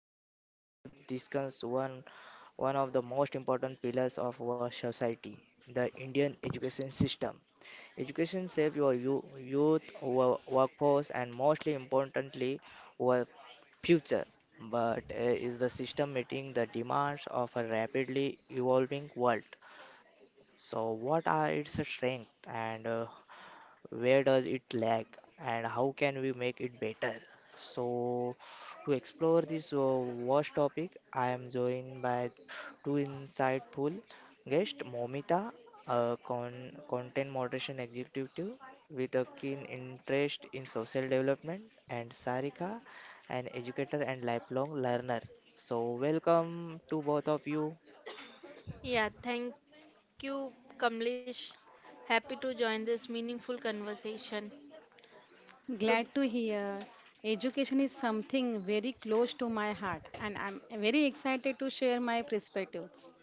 Today's is a depth discuss one of the most important pillars of our society, the Indian education system. Education shapes your youth, our workforce, and mostly importantly, our future. But is the system meeting the demands of a rapidly evolving world? So, what are its strengths and where does it lag and how can we make it better, so to explore this vast topic I am joined by two insightful guests, Momita, a content moderation executive with a keen interest in social development, and Sarika, an educator and lifelong learner. So welcome to both of you. Yeah, thank you, Kamlesh. Happy to join this meaningful conversation. To Glad to hear. Education is something very close to my heart, and I'm very excited to share my perspectives.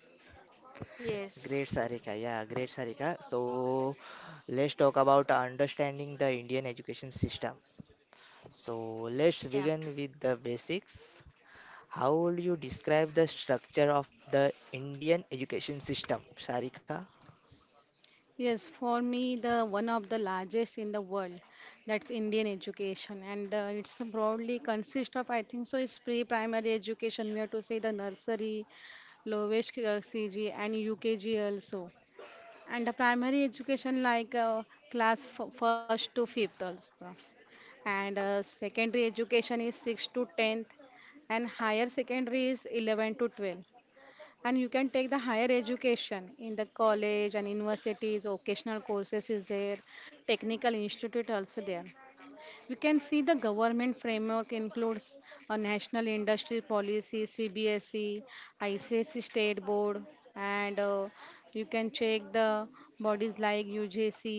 Great, yes, Sarika. Yeah, great, Sarika. So let's talk about understanding the Indian education system. So, let's yeah. begin with the basics. How would you describe the structure of the Indian education system, Sarika? Yes, for me, the one of the largest in the world, that's Indian education, and it's broadly consist of I think so. It's pre-primary education. We have to say the nursery, lowest CG, and UKG also, and the primary education like first to fifth also. And secondary education is 6 to 10th, and higher secondary is 11 to 12, and you can take the higher education in the college and universities. Occasional courses is there, technical institute also there. We can see the government framework includes a national industry policy, CBSE, ICSE, state board, and you can check the bodies like UGC,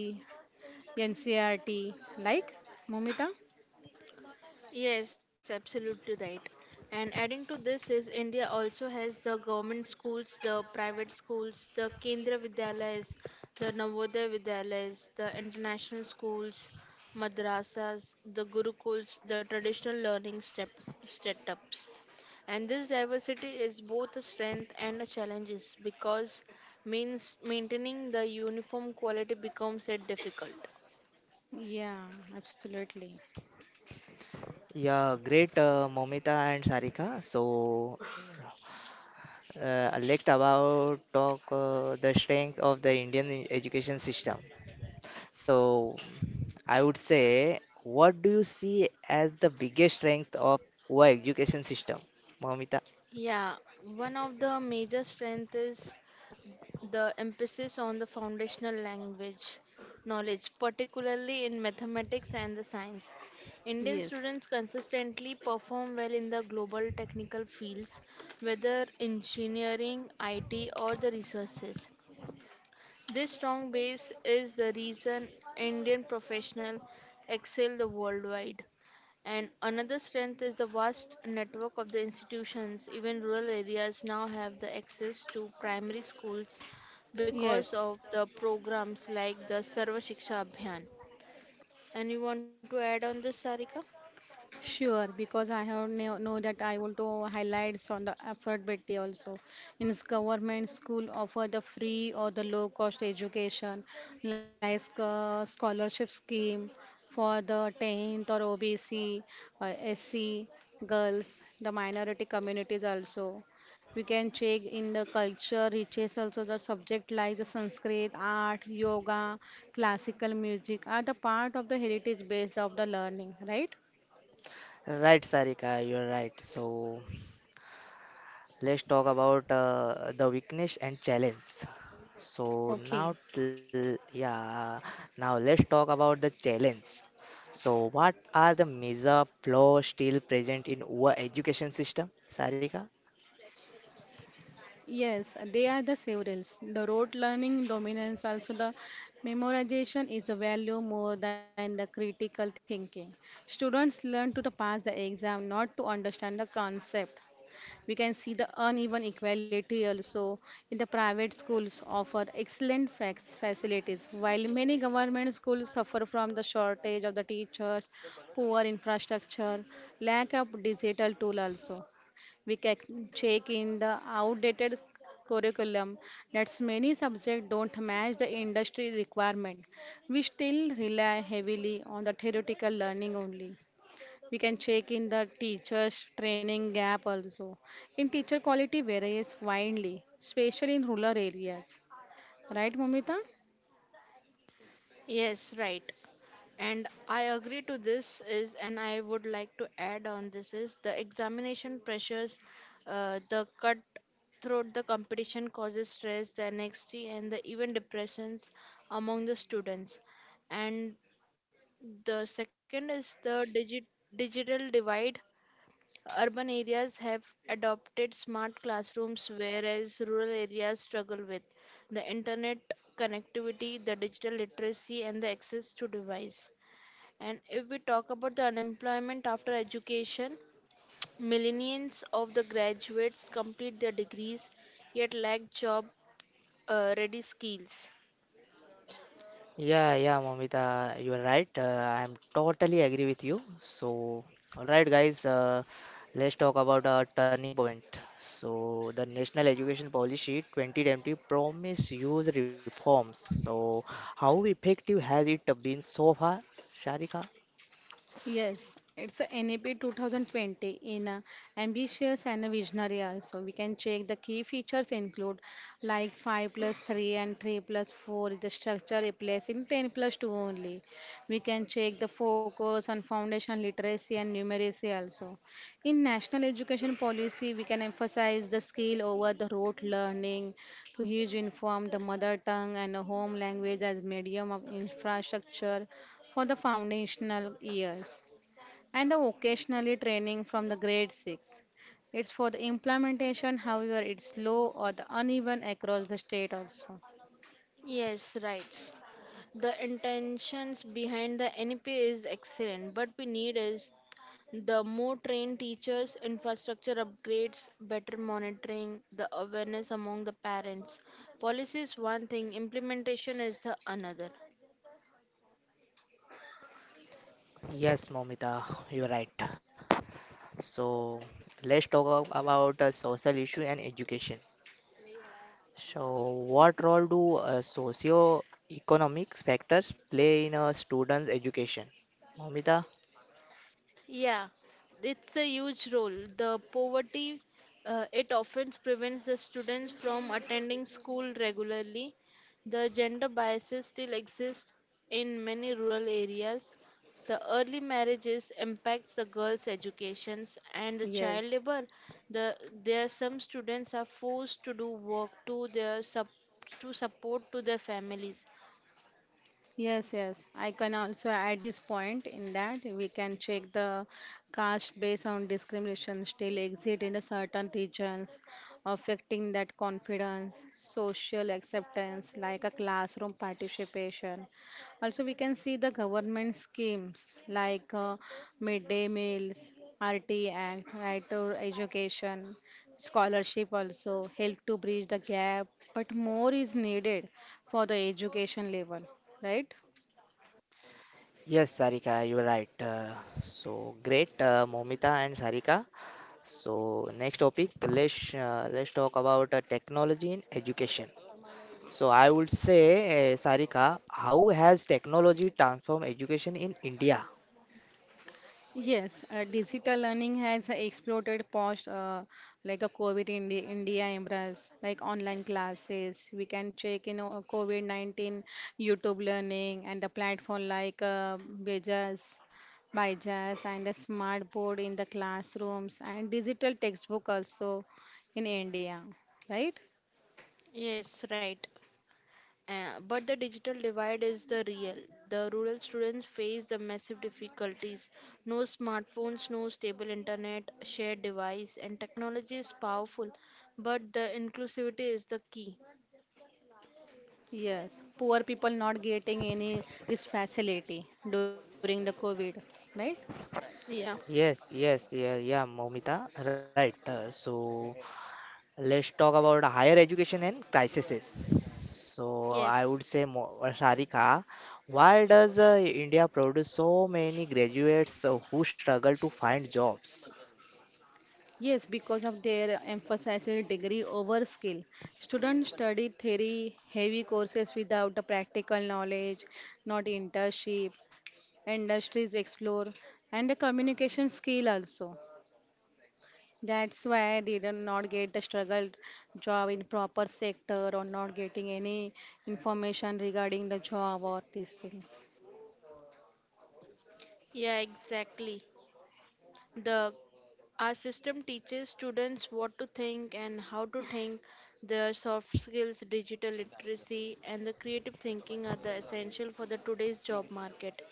NCRT, like Momita. Yes, absolutely right. And adding to this is India also has the government schools, the private schools, the Kendra Vidyalayas, the Navodaya Vidyalayas, the international schools, madrasas, the gurukuls, the traditional learning step setups. And this diversity is both a strength and a challenges because means maintaining the uniform quality becomes a difficult. Yeah, absolutely. Yeah, great, Momita and Sarika. So, let's about talk the strength of the Indian education system. So, I would say, what do you see as the biggest strength of our education system, Momita? Yeah, one of the major strength is the emphasis on the foundational language knowledge, particularly in mathematics and the science. Indian Yes. students consistently perform well in the global technical fields, whether engineering, IT, or the researches. This strong base is the reason Indian professionals excel the worldwide. And another strength is the vast network of the institutions. Even rural areas now have the access to primary schools because Yes. of the programs like the Sarva Shiksha Abhiyan. And you want to add on this, Sarika? Sure, because I have know that I want to highlights on the affordability also. Government school offer the free or the low cost education, like scholarship scheme for the 10th or OBC, SC girls, the minority communities also. We can check in the culture reaches also. The subject like the Sanskrit, art, yoga, classical music are the part of the heritage based of the learning, right? Right, Sarika, you're right. So let's talk about the weakness and challenge. So Okay. now, yeah, now let's talk about the challenge. So what are the major flaws still present in our education system, Sarika? Yes, they are the severals. The rote learning dominance, also the memorization is a value more than the critical thinking. Students learn to the pass the exam, not to understand the concept. We can see the uneven equality also in the private schools offer excellent facilities, while many government schools suffer from the shortage of the teachers, poor infrastructure, lack of digital tool also. We can check in the outdated curriculum that many subjects don't match the industry requirement. We still rely heavily on the theoretical learning only. We can check in the teachers training gap also in teacher quality varies widely, especially in rural areas, right, Momita? Yes, right. And I agree to this is, and I would like to add on this is the examination pressures, the cut throughout the competition causes stress, the anxiety, and the even depressions among the students. And the second is the digital divide. Urban areas have adopted smart classrooms, whereas rural areas struggle with the internet connectivity, the digital literacy, and the access to device. And if we talk about the unemployment after education, millions of the graduates complete their degrees yet lack job ready skills. Yeah, yeah, Momita, you are right. I'm totally agree with you. So, all right, guys, let's talk about our turning point. So, the National Education Policy 2020 promised huge reforms. So, how effective has it been so far, Sharika? Yes, it's a NAP 2020 in ambitious and visionary also. We can check the key features include like 5 plus 3 and 3 plus 4 is the structure, replacing 10 plus 2 only. We can check the focus on foundation literacy and numeracy also. In national education policy, we can emphasize the skill over the rote learning, to huge inform the mother tongue and the home language as medium of infrastructure for the foundational years, and occasionally training from the grade 6. It's for the implementation, however, it's slow or the uneven across the state also. Yes, right. The intentions behind the NEP is excellent, but we need is the more trained teachers, infrastructure upgrades, better monitoring, the awareness among the parents. Policy is one thing, implementation is the another. Yes, Momita, you are right. So, let's talk about social issue and education. So, what role do socio-economic factors play in a student's education, Momita? Yeah, it's a huge role. The poverty it often prevents the students from attending school regularly. The gender biases still exist in many rural areas. The early marriages impacts the girls' educations and the Yes. child labor. The there some students are forced to do work to their to support to their families. Yes, yes. I can also add this point in that we can check the caste based on discrimination still exist in a certain regions, affecting that confidence, social acceptance, like a classroom participation. Also, we can see the government schemes like midday meals, RT Act, right to education, scholarship also help to bridge the gap, but more is needed for the education level, right? Yes, Sarika, you're right. So, great, Momita and Sarika. So, next topic, let's talk about technology in education. So, I would say, Sarika, how has technology transformed education in India? Yes, digital learning has exploded post like a COVID in the India embrace, like online classes. We can check, you know, COVID-19 YouTube learning and the platform like Bejas, Byjas, and the smart board in the classrooms, and digital textbook also in India, right? Yes, right. But the digital divide is the real. The rural students face the massive difficulties. No smartphones, no stable internet, shared device, and technology is powerful, but the inclusivity is the key. Yes, poor people not getting any this facility during the COVID, right? Yeah. Yes, yes, yeah, yeah, Momita, right. So let's talk about higher education and crises. So Yes. I would say, Sarika, why does India produce so many graduates who struggle to find jobs? Yes, because of their emphasizing degree over skill. Students study theory, heavy courses without the practical knowledge, not internship, industries explore, and the communication skill also. That's why they do not get the struggle job in proper sector, or not getting any information regarding the job or these things. Yeah, exactly. The Our system teaches students what to think and how to think. Their soft skills, digital literacy, and the creative thinking are the essential for the today's job market.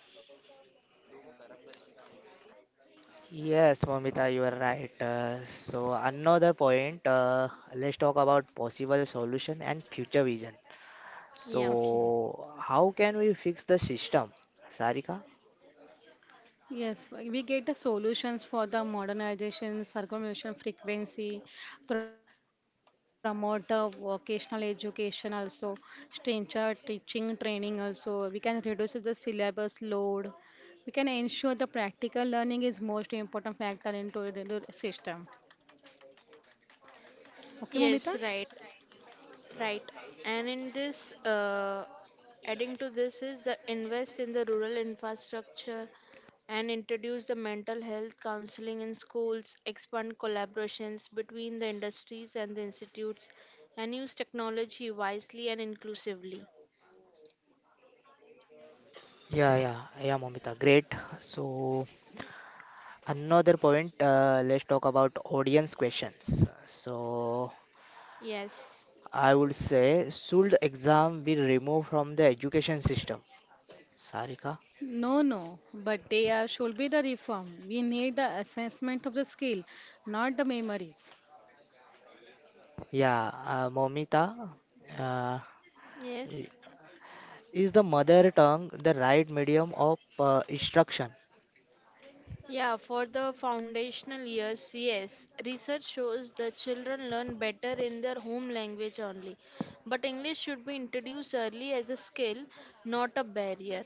Yes, Momita, you are right. So another point, let's talk about possible solution and future vision. Yeah. Okay. So how can we fix the system, Sarika? Yes, we get the solutions for the modernization, circumvention frequency, promote the vocational education also, teacher teaching training also. We can reduce the syllabus load. We can ensure the practical learning is most important factor into the system. Okay, Momita? Yes, right. Right. And in this, adding to this is the invest in the rural infrastructure and introduce the mental health counseling in schools, expand collaborations between the industries and the institutes, and use technology wisely and inclusively. Yeah, yeah, yeah, Momita. Great. So, another point, let's talk about audience questions. So, Yes. I would say, should exam be removed from the education system, Sarika? No, no, but they are, should be the reform. We need the assessment of the skill, not the memories. Yeah, Momita, uh, i- Yes. is the mother tongue the right medium of instruction? Yeah, for the foundational years, yes. Research shows the children learn better in their home language only. But English should be introduced early as a skill, not a barrier.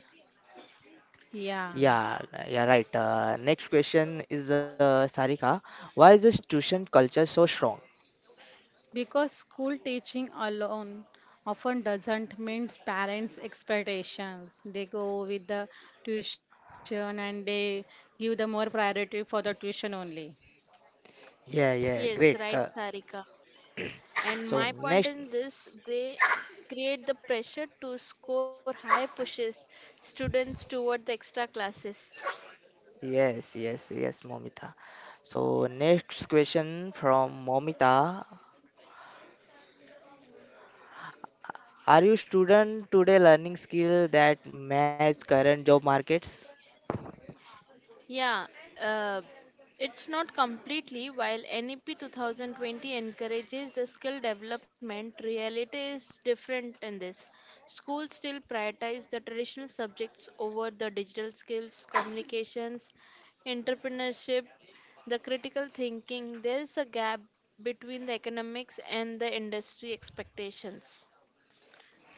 Yeah. Yeah, yeah, right. Next question is Sarika. Why is this tuition culture so strong? Because school teaching alone often doesn't meet parents' expectations. They go with the tuition and they give the more priority for the tuition only. Yeah, Yes, yeah, right, great. Uh, Sarika. And my so point in next. this, they create the pressure to score high pushes students toward the extra classes. Yes, yes, yes, Momita. So next question from Momita. Are you student today learning skill that match current job markets? Yeah, uh, it's not completely. While NEP 2020 encourages the skill development, reality is different in this. Schools still prioritize the traditional subjects over the digital skills, communications, entrepreneurship, the critical thinking. There is a gap between the economics and the industry expectations.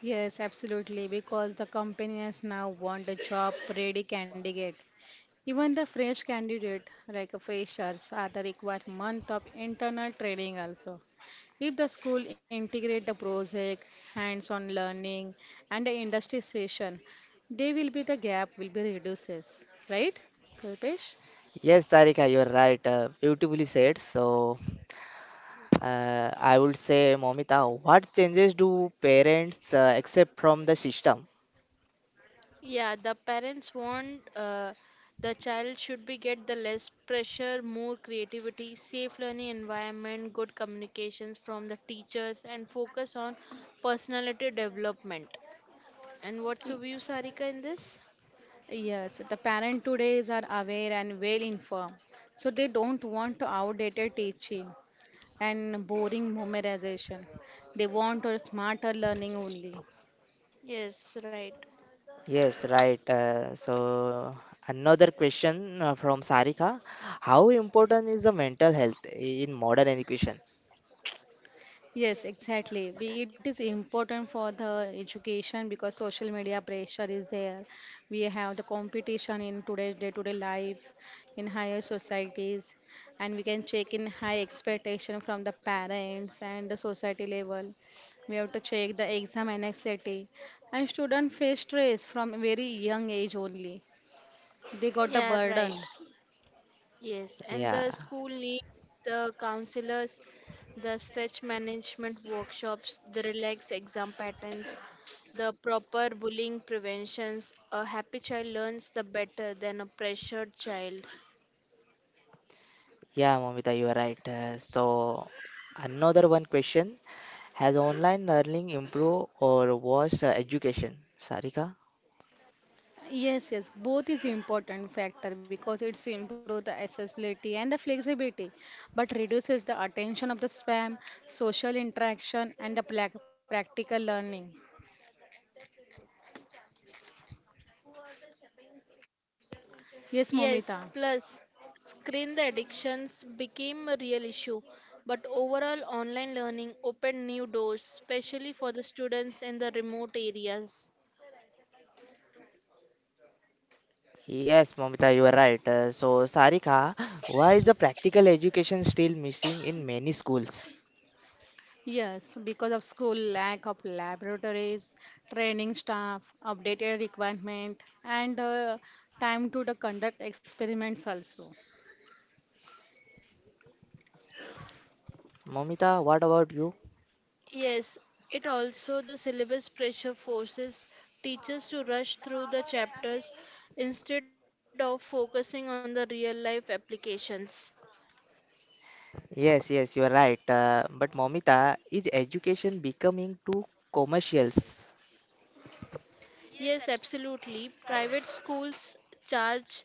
Yes, absolutely, because the companies now want a job ready candidate. Even the fresh candidate, like a freshers, are the required month of internal training also. If the school integrate the project, hands-on learning, and the industry session, they will be the gap will be reduces, right, Kalpesh? Yes, Sarika, you're right. Beautifully said. So I would say, Momita, what changes do parents accept from the system? Yeah, the parents want the child should be get the less pressure, more creativity, safe learning environment, good communications from the teachers, and focus on personality development. And what's Y- your view, Sarika, in this? Yes, the parent today is are aware and well informed, so they don't want outdated teaching and boring memorization. They want a smarter learning only. Yes, right. Yes, right. So another question from Sarika. How important is the mental health in modern education? Yes, exactly. It is important for the education because social media pressure is there. We have the competition in today's day-to-day life, in higher societies, and we can check in high expectation from the parents and the society level. We have to check the exam anxiety, and students face stress from very young age only. They got the Yeah, burden. right. Yes, and Yeah. the school needs the counselors, the stretch management workshops, the relaxed exam patterns, the proper bullying preventions. A happy child learns the better than a pressured child. Yeah, Momita, you are right. So, another one question: has online learning improved or was education, Sarika? Yes, yes, both is important factor because it's improve the accessibility and the flexibility, but reduces the attention of the spam, social interaction, and the practical learning. Yes, Yes, plus Momita. screen the addictions became a real issue, but overall online learning opened new doors, especially for the students in the remote areas. Yes, Momita, you are right. So, Sarika, why is the practical education still missing in many schools? Yes, because of school lack of laboratories, training staff, updated requirement, and time to the conduct experiments also. Momita, what about you? Yes, it also the syllabus pressure forces teachers to rush through the chapters instead of focusing on the real life applications. Yes, yes, you are right. But Momita, is education becoming too commercials? Yes, absolutely. Private schools charge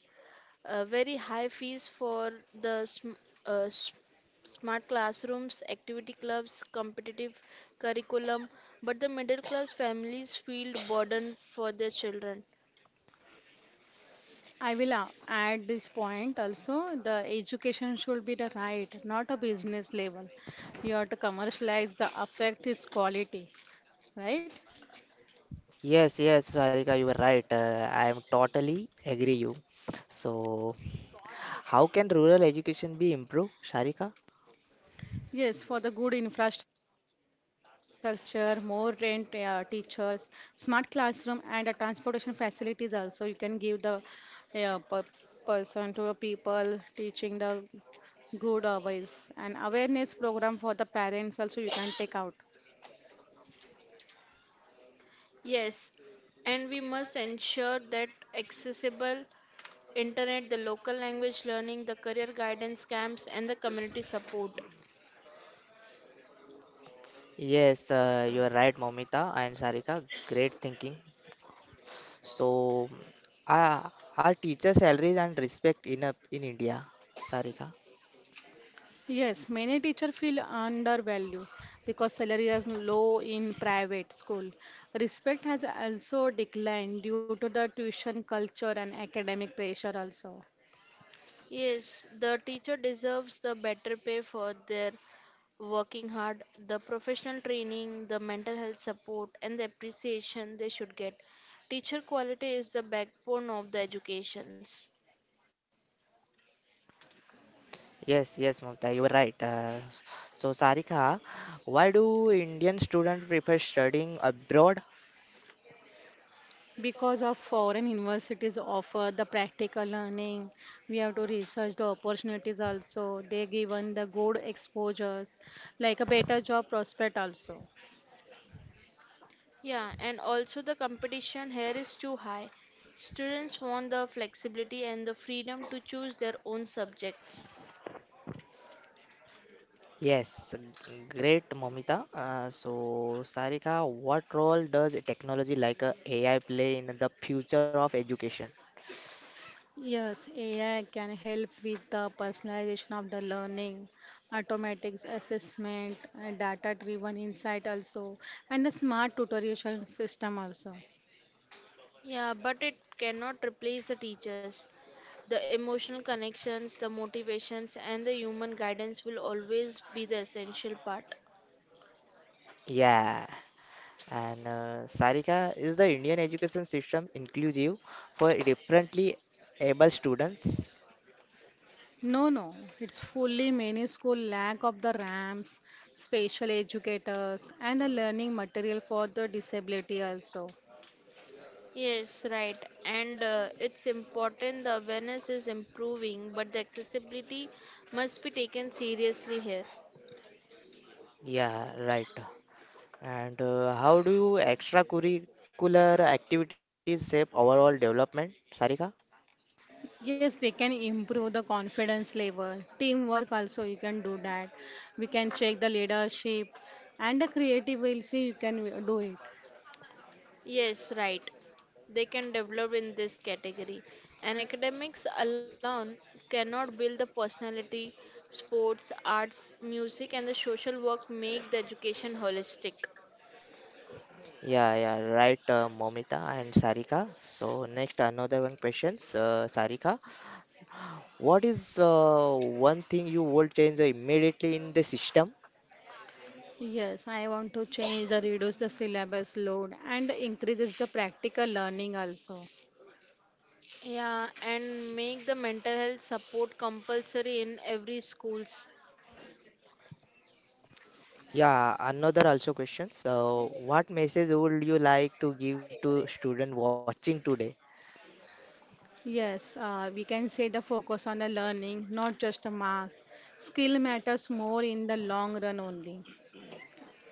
very high fees for the uh, s- smart classrooms, activity clubs, competitive curriculum, but the middle class families feel burden for their children. I will add this point also. The education should be the right, not a business level. You have to commercialize the affect its quality, right? Yes, yes, Sarika, you are right. I am totally agree you. So, how can rural education be improved, Sharika? Yes, for the good infrastructure, more rent, teachers, smart classroom, and the transportation facilities also. You can give the uh, per- person to the people teaching the good ways and awareness program for the parents also. You can take out. Yes, and we must ensure that accessible internet, the local language learning, the career guidance camps, and the community support. Yes, you are right, Momita and Sarika. Great thinking. So, are teacher salaries and respect enough in India, Sarika? Yes, many teachers feel undervalued because salary is low in private school. Respect has also declined due to the tuition culture and academic pressure also. Yes, the teacher deserves the better pay for their working hard, the professional training, the mental health support, and the appreciation they should get. Teacher quality is the backbone of the educations. Yes, yes, Mamta, you are right. So, Sarika, why do Indian students prefer studying abroad? Because of foreign universities offer the practical learning, we have to research the opportunities also. They given the good exposures, like a better job prospect also. Yeah, and also the competition here is too high. Students want the flexibility and the freedom to choose their own subjects. Yes, great, Mamita. So, Sarika, what role does technology like AI play in the future of education? Yes, AI can help with the personalization of the learning, automatics assessment, data-driven insight also, and a smart tutorial system also. Yeah, but it cannot replace the teachers. The emotional connections, the motivations, and the human guidance will always be the essential part. Yeah. And Sarika, is the Indian education system inclusive for differently able students? No, no, it's fully many school lack of the ramps, special educators, and the learning material for the disability also. Yes, right. And it's important the awareness is improving, but the accessibility must be taken seriously here. Yeah, right. And how do you extracurricular activities shape overall development, Sarika? Yes, they can improve the confidence level, teamwork also you can do that. We can check the leadership and the creative will see you can do it. Yes, right. They can develop in this category. And academics alone cannot build the personality, sports, arts, music, and the social work make the education holistic. Yeah, yeah, right, Momita and Sarika. So next, another one questions, Sarika. What is one thing you would change immediately in the system? Yes, I want to change the reduce the syllabus load and increases the practical learning also. Yeah, and make the mental health support compulsory in every schools. Yeah, another also question. So, what message would you like to give to student watching today? Yes, we can say the focus on the learning, not just the marks. Skill matters more in the long run only.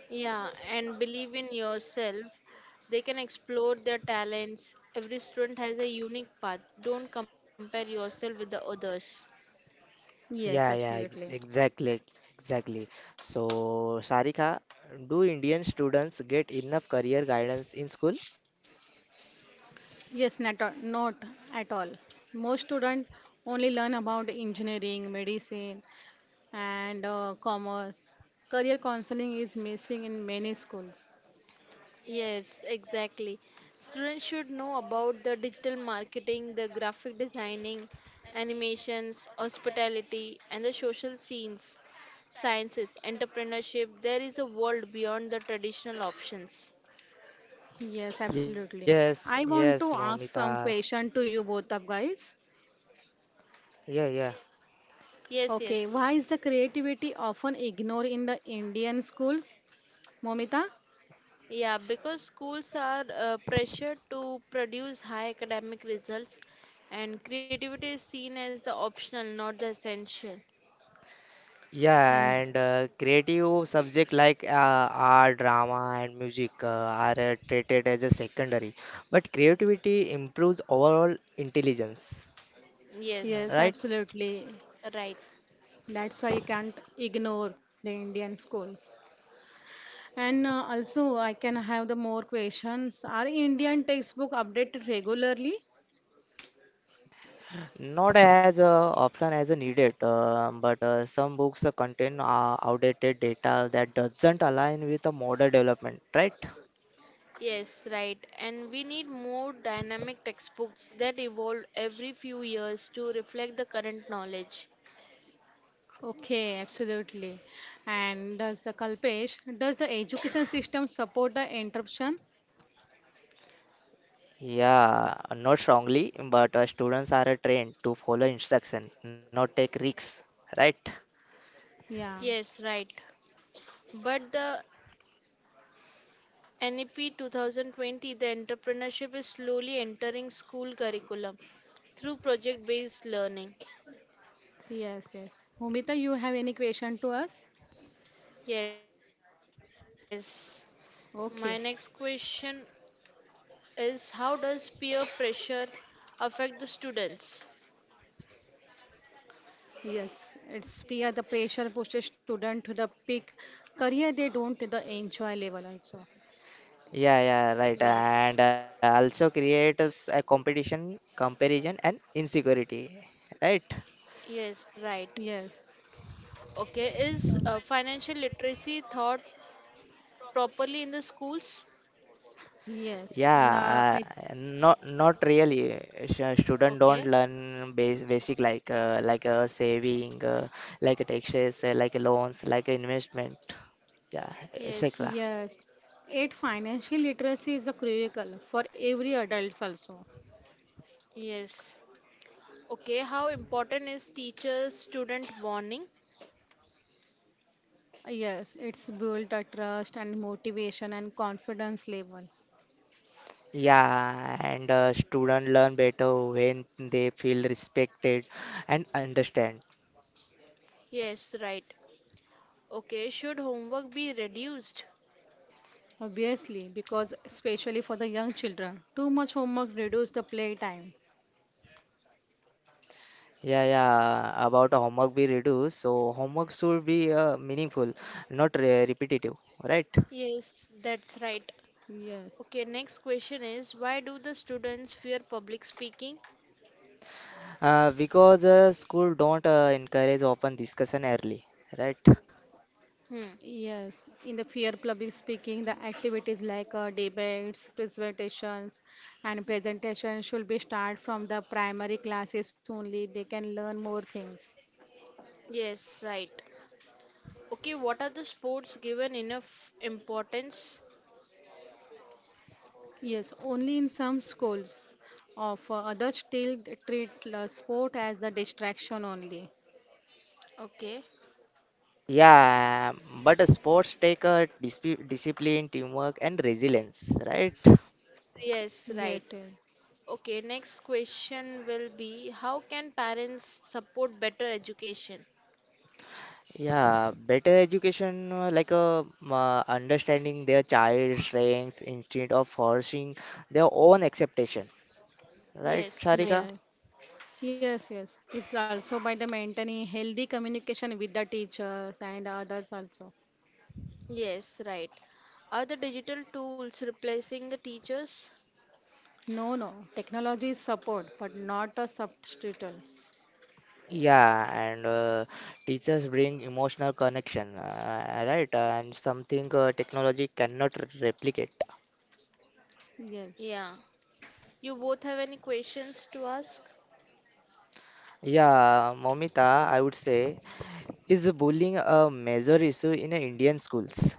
Yeah, and believe in yourself. They can explore their talents. Every student has a unique path. Don't compare yourself with the others. Yes, Yeah, yeah, absolutely. ex exactly, exactly. So, Sarika, do Indian students get enough career guidance in school? Yes, not, not at all. Most students only learn about engineering, medicine, and commerce. Career counseling is missing in many schools. Yes, exactly. Students should know about the digital marketing, the graphic designing, animations, hospitality, and the social scenes, sciences, entrepreneurship. There is a world beyond the traditional options. Yes, Yes, absolutely. yes, I want to Momita. ask some question to you both of guys. Yeah, yeah. Yes, Okay, yes. why is the creativity often ignored in the Indian schools, Momita? Yeah, because schools are pressured to produce high academic results, and creativity is seen as the optional, not the essential. And Yeah, and creative subject like art, drama, and music are treated as a secondary. But creativity improves overall intelligence, yes, Yes, right? absolutely. right. That's why you can't ignore the Indian schools. And also, I can have the more questions. Are Indian textbook updated regularly? Not as often as needed, but some books contain outdated data that doesn't align with the modern development, right? Yes, right. And we need more dynamic textbooks that evolve every few years to reflect the current knowledge. Okay, absolutely. And does the Kalpesh, does the education system support the interruption? Yeah, not strongly, but students are trained to follow instruction, not take risks, right? Yeah. Yes, right. But the NEP 2020, the entrepreneurship is slowly entering school curriculum through project based learning. Yes, yes. Momita, you have any question to us? Yes. Okay. My next question is how does peer pressure affect the students? Yes, it's peer, the pressure pushes student to the peak career they don't the enjoy level also. Yeah, yeah, Yes. right. And also creates a competition, comparison, and insecurity, right? Yes, right. Yes, Okay, is financial literacy taught properly in the schools? yes. Yeah, And I not really. Student don't Okay. learn basic, like saving, like taxes, like loans, like investment, yeah, Yes. etc. yes, eight financial literacy is a critical for every adults also. Yes. Okay. How important is teacher student bonding? Yes, it's built a trust and motivation and confidence level. Yeah, and student learn better when they feel respected and understand. Yes, right. Okay. Should homework be reduced? Obviously, because especially for the young children, too much homework reduces the playtime. Yeah, yeah. About homework we reduce, so homework should be meaningful, not re repetitive, right? Yes, that's right. Yes. Okay. Next question is why do the students fear public speaking? Because school don't encourage open discussion early, right? Hmm. Yes, in the fear public speaking, the activities like debates, presentations, and presentations should be start from the primary classes only. They can learn more things. Yes, right. Okay. What are the sports given enough importance? Yes, only in some schools. Of others still treat sport as the distraction only. Okay. Yeah, but sports take discipline, teamwork, and resilience, right? Yes, right. Yes, yes. Okay, next question will be how can parents support better education? Yeah, better education, like understanding their child's strengths instead of forcing their own acceptation, right, Yes, Sharika? right. Yes, yes, yes. It's also by the maintaining healthy communication with the teachers and others also. Yes, right. Are the digital tools replacing the teachers? No, no. Technology is support, but not a substitute. Yeah, and teachers bring emotional connection, right? And something technology cannot replicate. Yes. Yeah. You both have any questions to ask? Yeah, Momita, I would say, is bullying a major issue in Indian schools?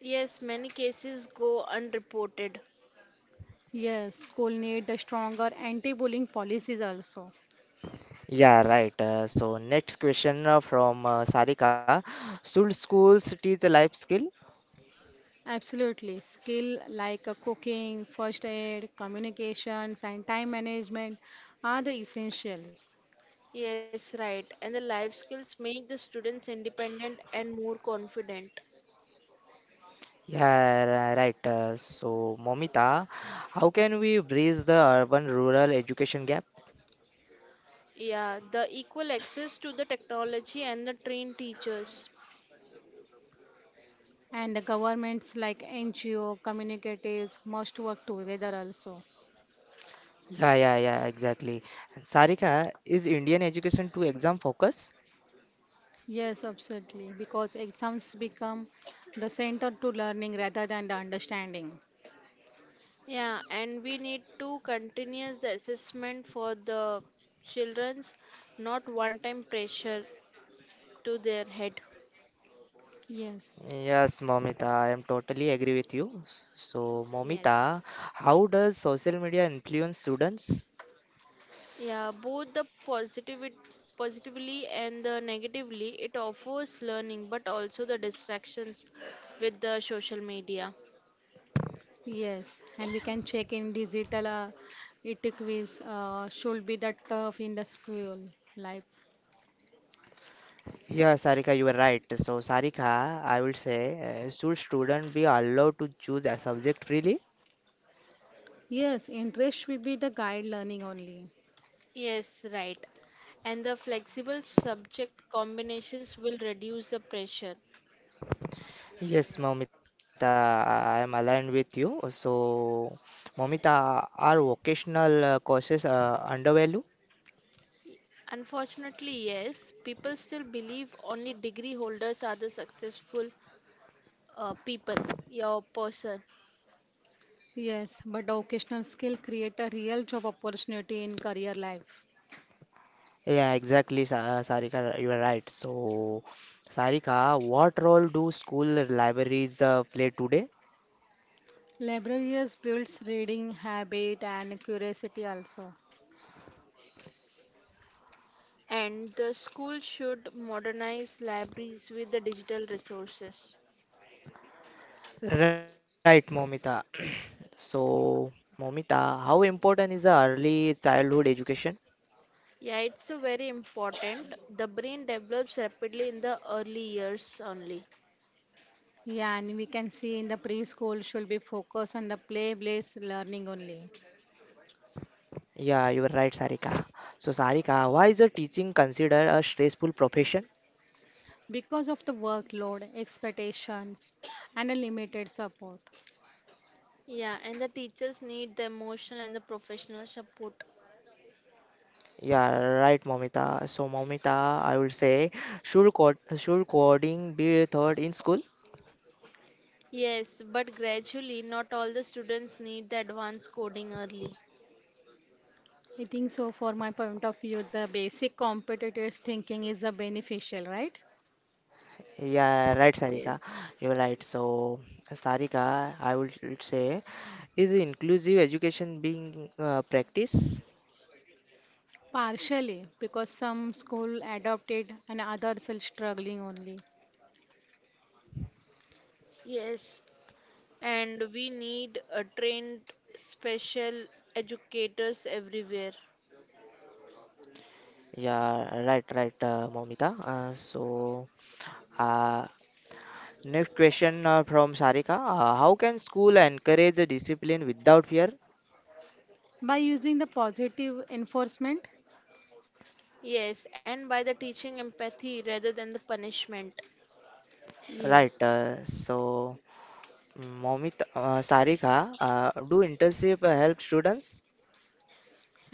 Yes, many cases go unreported. Yes, school need a stronger anti-bullying policies also. Yeah, right. So next question from Sarika. Should schools teach a life skill? Absolutely. Skill like cooking, first aid, communications, and time management are the essentials. Yes, right. And the life skills make the students independent and more confident. Yeah, right. So Momita, how can we bridge the urban-rural education gap? Yeah, the equal access to the technology and the trained teachers. And the governments like NGO, communicatives must work together also. Yeah, yeah, yeah, exactly. And Sarika, is Indian education too exam focused? Yes, absolutely. Because exams become the center to learning rather than the understanding. Yeah, and we need to continuous the assessment for the children's, not one-time pressure to their head. Yes, Yes, Momita, I am totally agree with you. So, Yes. Momita, how does social media influence students? Yeah, both the positivity positively and the negatively it offers learning but also the distractions with the social media. yes. And we can check in digital it quiz should be the tough in the school life. Yeah, Sarika, you are right. So, Sarika, I will say, should student be allowed to choose a subject freely? Yes, interest should be the guide learning only. Yes, right, and the flexible subject combinations will reduce the pressure. Yes, Momita, I am aligned with you. So, Momita, are vocational courses undervalued? Unfortunately, yes, people still believe only degree holders are the successful people, your person. Yes, but the occasional skill create a real job opportunity in career life. Yeah, exactly, Sarika, you are right. So, Sarika, what role do school libraries play today? Libraries builds reading habit and curiosity also. And the school should modernize libraries with the digital resources. Right, Momita. So, Momita, how important is the early childhood education? Yeah, it's a very important. The brain develops rapidly in the early years only. Yeah, and we can see in the preschool should be focused on the play-based learning only Yeah, you are right, Sarika. So, Sarika, why is the teaching considered a stressful profession? because of the workload, expectations, and a limited support. Yeah, and the teachers need the emotional and the professional support. Yeah, right, Momita. So, Momita, I would say, should coding be taught in school? Yes, but gradually, not all the students need the advanced coding early. I think so, for my point of view, the basic competitive thinking is the beneficial, right? Yeah, right, Yes. Sarika. You're right. So, Sarika, I would say, is inclusive education being practiced? Partially, because some school adopt it and others are struggling only. Yes, and we need a trained special educators everywhere. Yeah, right, right, Momita. So, uh, next question from Sarika. How can school encourage the discipline without fear? By using the positive enforcement, Yes, and by the teaching empathy rather than the punishment. Right. yes, So, Momita, Sarika, do internship help students?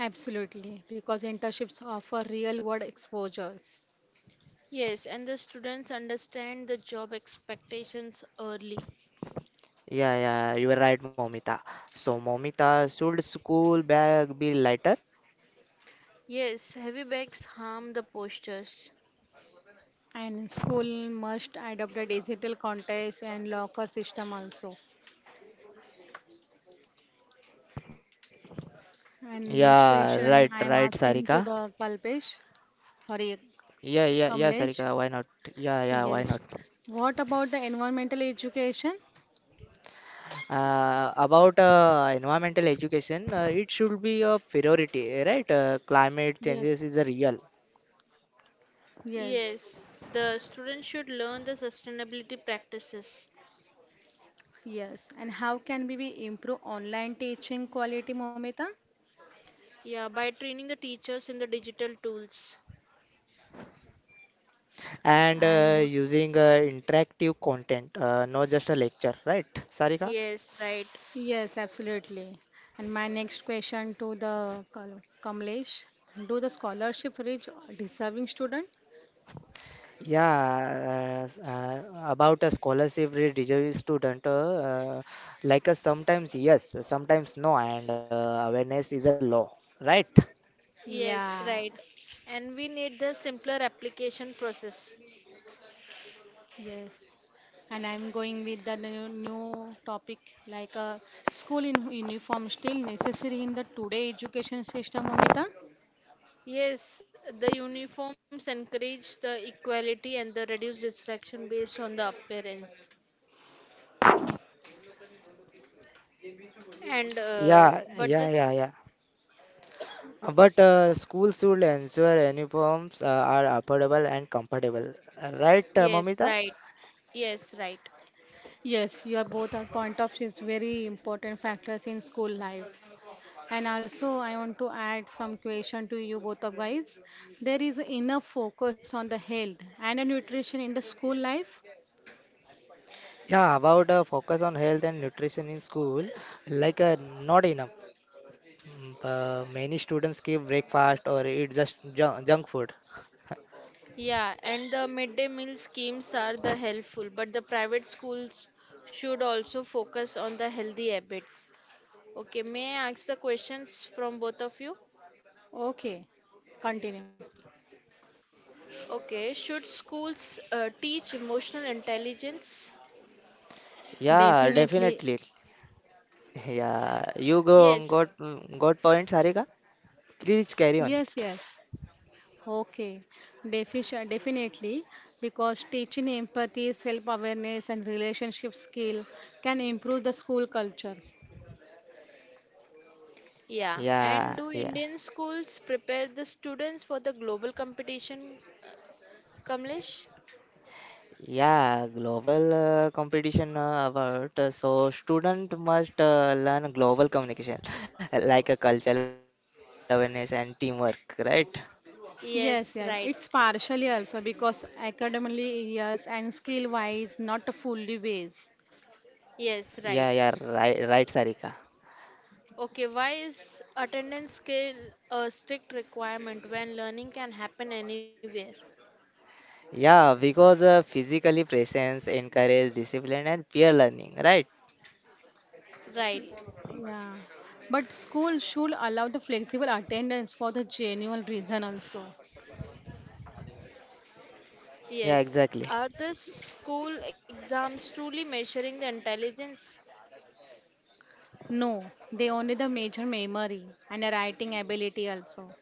absolutely, because internships offer real-world exposures. Yes, and the students understand the job expectations early. Yeah, yeah, you are right, Momita. So, Momita, should school bag be lighter? Yes, heavy bags harm the postures. And school must adopt a digital contest and locker system also. And next Yeah, question right, I am right, asking to Sarika. the Kalpesh, sorry, Yeah, yeah, yeah, Kamlesh. Sarika. Why not? Yeah, yeah, why Yes. not? What about the environmental education? About environmental education, it should be a priority, right? Climate Yes. changes is a real, Yes. Yes, the students should learn the sustainability practices. Yes. And how can we be improve online teaching quality, Momita? Yeah, by training the teachers in the digital tools. and And what? using interactive content, not just a lecture, right, Sarika? Yes, right. Yes, absolutely. And my next question to the Kamlesh. Do the scholarship reach deserving student? Yeah, about a scholarship deserving student, like a sometimes yes, sometimes no, and awareness is a law, right? Yes, Yeah, right. And we need the simpler application process. yes. And I'm going with the new topic like school in uniform still necessary in the today education system, Amita? Yes, the uniforms encourage the equality and the reduce distraction based on the appearance. And Yeah, but this, yeah, yeah, yeah. But schools should ensure uniforms are affordable and comfortable. Right, yes, Mamita? right. Yes, right. Yes, your both are point of is very important factors in school life. And also, I want to add some question to you both of guys. There is enough focus on the health and the nutrition in the school life. Yeah, about focus on health and nutrition in school, like not enough. Many students skip breakfast or eat just junk food. Yeah, and the midday meal schemes are the helpful, but the private schools should also focus on the healthy habits. Okay, may I ask the questions from both of you? Okay, continue. Okay, should schools teach emotional intelligence? Yeah, Definitely. definitely. Yeah, you go got Yes. got point, Sarika. Please carry on. Yes, yes. Okay, definitely, because teaching empathy, self-awareness, and relationship skill can improve the school cultures. Yeah. And Yeah, do yeah. Indian schools prepare the students for the global competition, Kamlesh? Yeah, global competition about so student must learn global communication like a cultural awareness and teamwork, right? Yes, Yes, yeah, right. it's partially also because academically yes and skill-wise not fully ways. Yeah, Yes, yeah, right. right, right, Sarika. Okay, why is attendance scale a strict requirement when learning can happen anywhere? Yeah, because physically presence encourage discipline and peer learning, right? Right. Yeah, but school should allow the flexible attendance for the genuine reason also. Yeah, Yes. exactly. Are the school exams truly measuring the intelligence? No, they only the major memory and the writing ability also.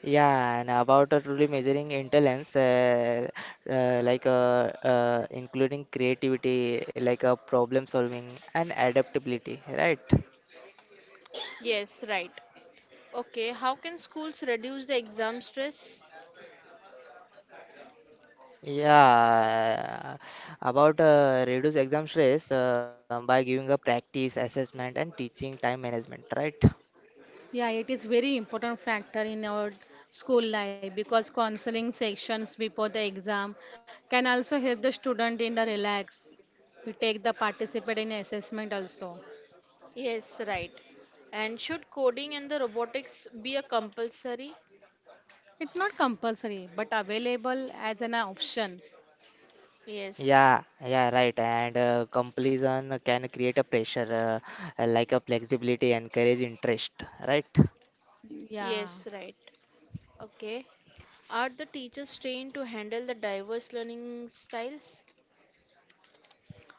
Yeah, and about truly measuring intelligence, like including creativity, like problem solving and adaptability, right? Yes, right. Okay, how can schools reduce the exam stress? Yeah, about reduce exam stress by giving a practice, assessment, and teaching time management, right? Yeah, it is very important factor in our school life because counseling sessions before the exam can also help the student in the relax. We take the participate in assessment also. Yes, right. And should coding and the robotics be a compulsory? It's not compulsory but available as an option. Yes, Yeah, yeah, right. And completion can create a pressure, like a flexibility and courage interest, right? Yeah. yes, right. Okay. Are the teachers trained to handle the diverse learning styles?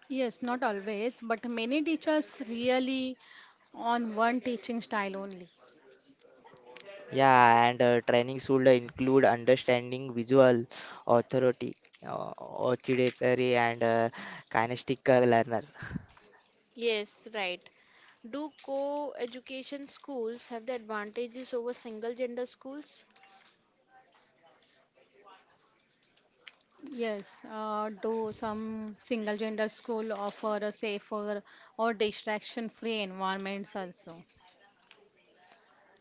Yes, not always, but many teachers really on one teaching style only. Yeah, and training should include understanding visual authority, auditory, and kinesthetic learner. Yes, right. Do co education schools have the advantages over single gender schools? Yes, do some single gender school offer a safer or distraction free environments also?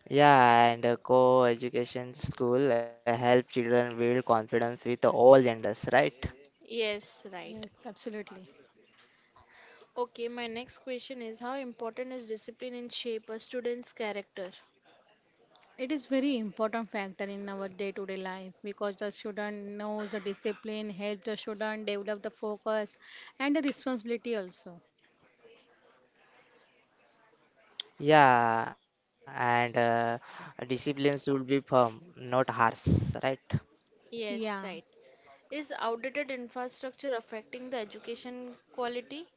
Yeah, and co-education school help children build confidence with all genders, right? Yes, right. Yes, absolutely. Okay, my next question is how important is discipline in shape a student's character? It is very important factor in our day to day life because the student knows the discipline, help the student develop the focus and the responsibility also. Yeah, and discipline should be firm, not harsh, right? Yes, Yeah, right. Is outdated infrastructure affecting the education quality?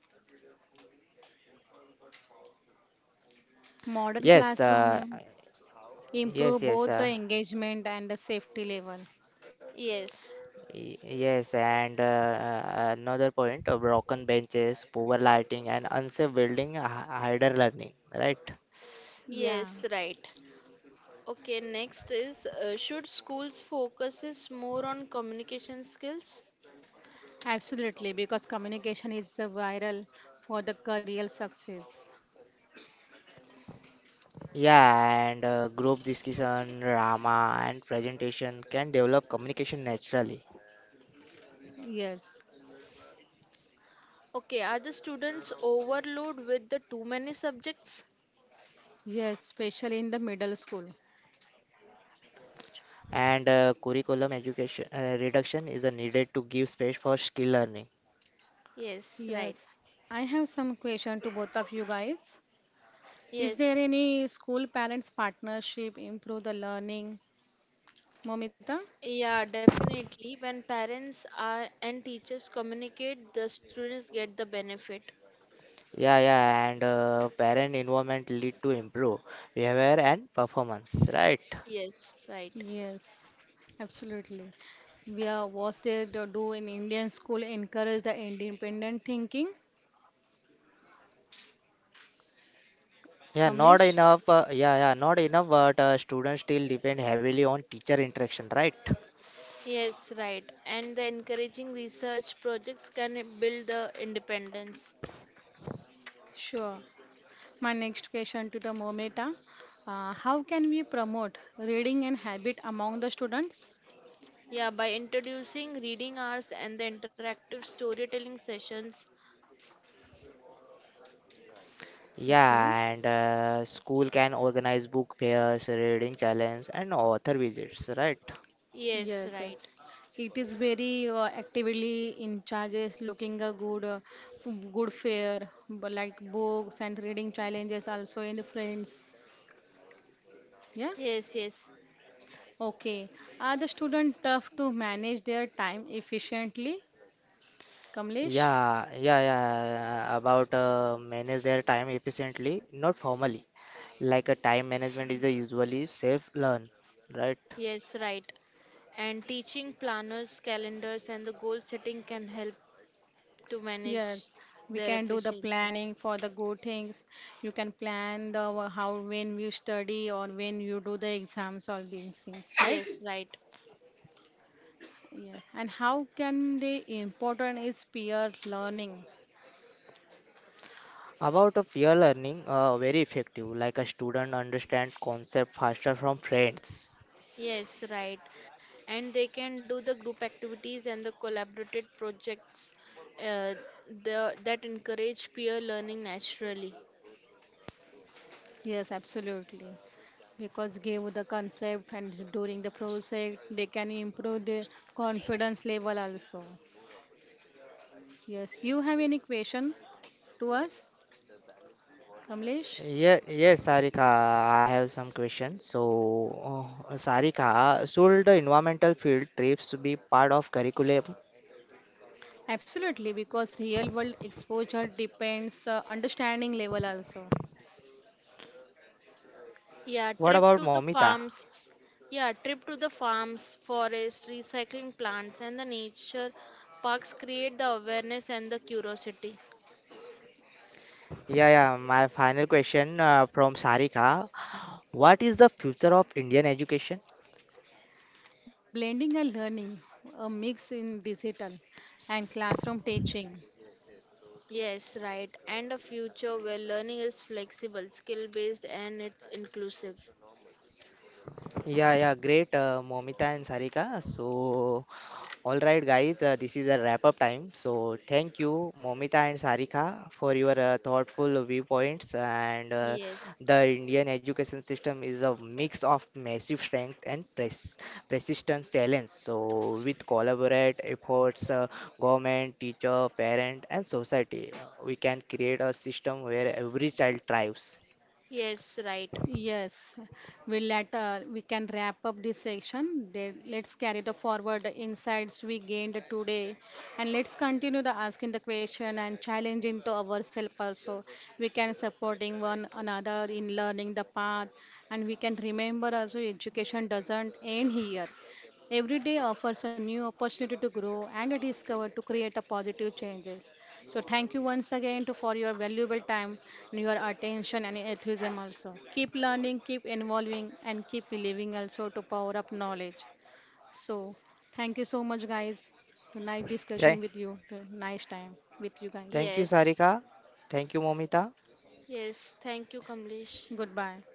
modern Yes, classroom yes, improve yes, both the engagement and the safety level. Yes, yes, and another point: broken benches, poor lighting, and unsafe building hinder learning, right? Yeah. yes, right. Okay, next is should schools focuses more on communication skills? Absolutely, because communication is viral for the career success. Yeah, and group discussion, drama, and presentation can develop communication naturally. Yes, Okay, are the students overloaded with the too many subjects? yes, especially in the middle school. And curriculum education reduction is a needed to give space for skill learning. Yes, right. Yes, I have some question to both of you guys. Is there Yes. any school parents partnership improve the learning, Momita? Yeah, definitely. When parents are and teachers communicate, the students get the benefit. Yeah, yeah, and parent involvement lead to improve behavior and performance, right? Yes, right. Yes, absolutely. We are was there to do in Indian school encourage the independent thinking, Yeah, not Kamlesh? enough. Yeah, yeah, not enough, but students still depend heavily on teacher interaction, right? Yes, right. And the encouraging research projects can build the independence. Sure. My next question to the Momita. How can we promote reading and habit among the students? Yeah, by introducing reading hours and the interactive storytelling sessions. Okay, Yeah, and school can organize book fairs, reading challenge, and author visits, right? Yes, yes, right. yes. It is very actively in charges, looking a good, good fair, like books and reading challenges also in the friends. Yeah. Yes, yes. Okay. Are the student tough to manage their time efficiently? Kamlesh? Yeah, yeah, yeah, about manage their time efficiently, not formally, like a time management is a usually self learn, right? Yes, right. And teaching planners, calendars, and the goal setting can help to manage Yes, we their their can do the lives. efficiency. Planning for the good things. You can plan the how when you study or when you do the exams, all these things, right? Yes, right. Yeah. And how can the important is peer learning? About a peer learning, very effective, like a student understand concept faster from friends. Yes, right. And they can do the group activities and the collaborated projects uh, that encourage peer learning naturally. Yes, absolutely. Because give the concept and during the project, they can improve the confidence level also. Yes, you have any question to us, Kamlesh? Yeah, yes, Sarika, I have some questions. So Sarika, should the environmental field trips be part of curriculum? Absolutely, because real world exposure depends understanding level also. Yeah, What trip about to the Momita? farms. Yeah, trip to the farms, forest, recycling plants, and the nature parks create the awareness and the curiosity. Yeah, yeah, my final question from Sarika, what is the future of Indian education? Blending and learning, a mix in digital and classroom teaching. Yes, right. And a future where learning is flexible, skill based, and it's inclusive. Yeah, yeah, great, Momita and Sarika. So, all right, guys, this is a wrap up time. So, thank you, Momita and Sarika, for your thoughtful viewpoints. And Yes, the Indian education system is a mix of massive strength and persistence challenge. So, with collaborate efforts, government, teacher, parent, and society, we can create a system where every child thrives. yes, right. Yes, we let we can wrap up this section. Then let's carry the forward the insights we gained today, and let's continue the asking the question and challenging to ourselves also. We can supporting one another in learning the path, and we can remember also education doesn't end here. Every day offers a new opportunity to grow and discover to create a positive changes. So thank you once again to for your valuable time and your attention and enthusiasm also. Keep learning, keep involving and keep believing also to power up knowledge. So thank you so much guys. To nice Okay, discussion with you. To nice time with you guys. thank you, Yes, Sarika. Thank you, Momita. yes. Thank you, Kamlesh. Goodbye.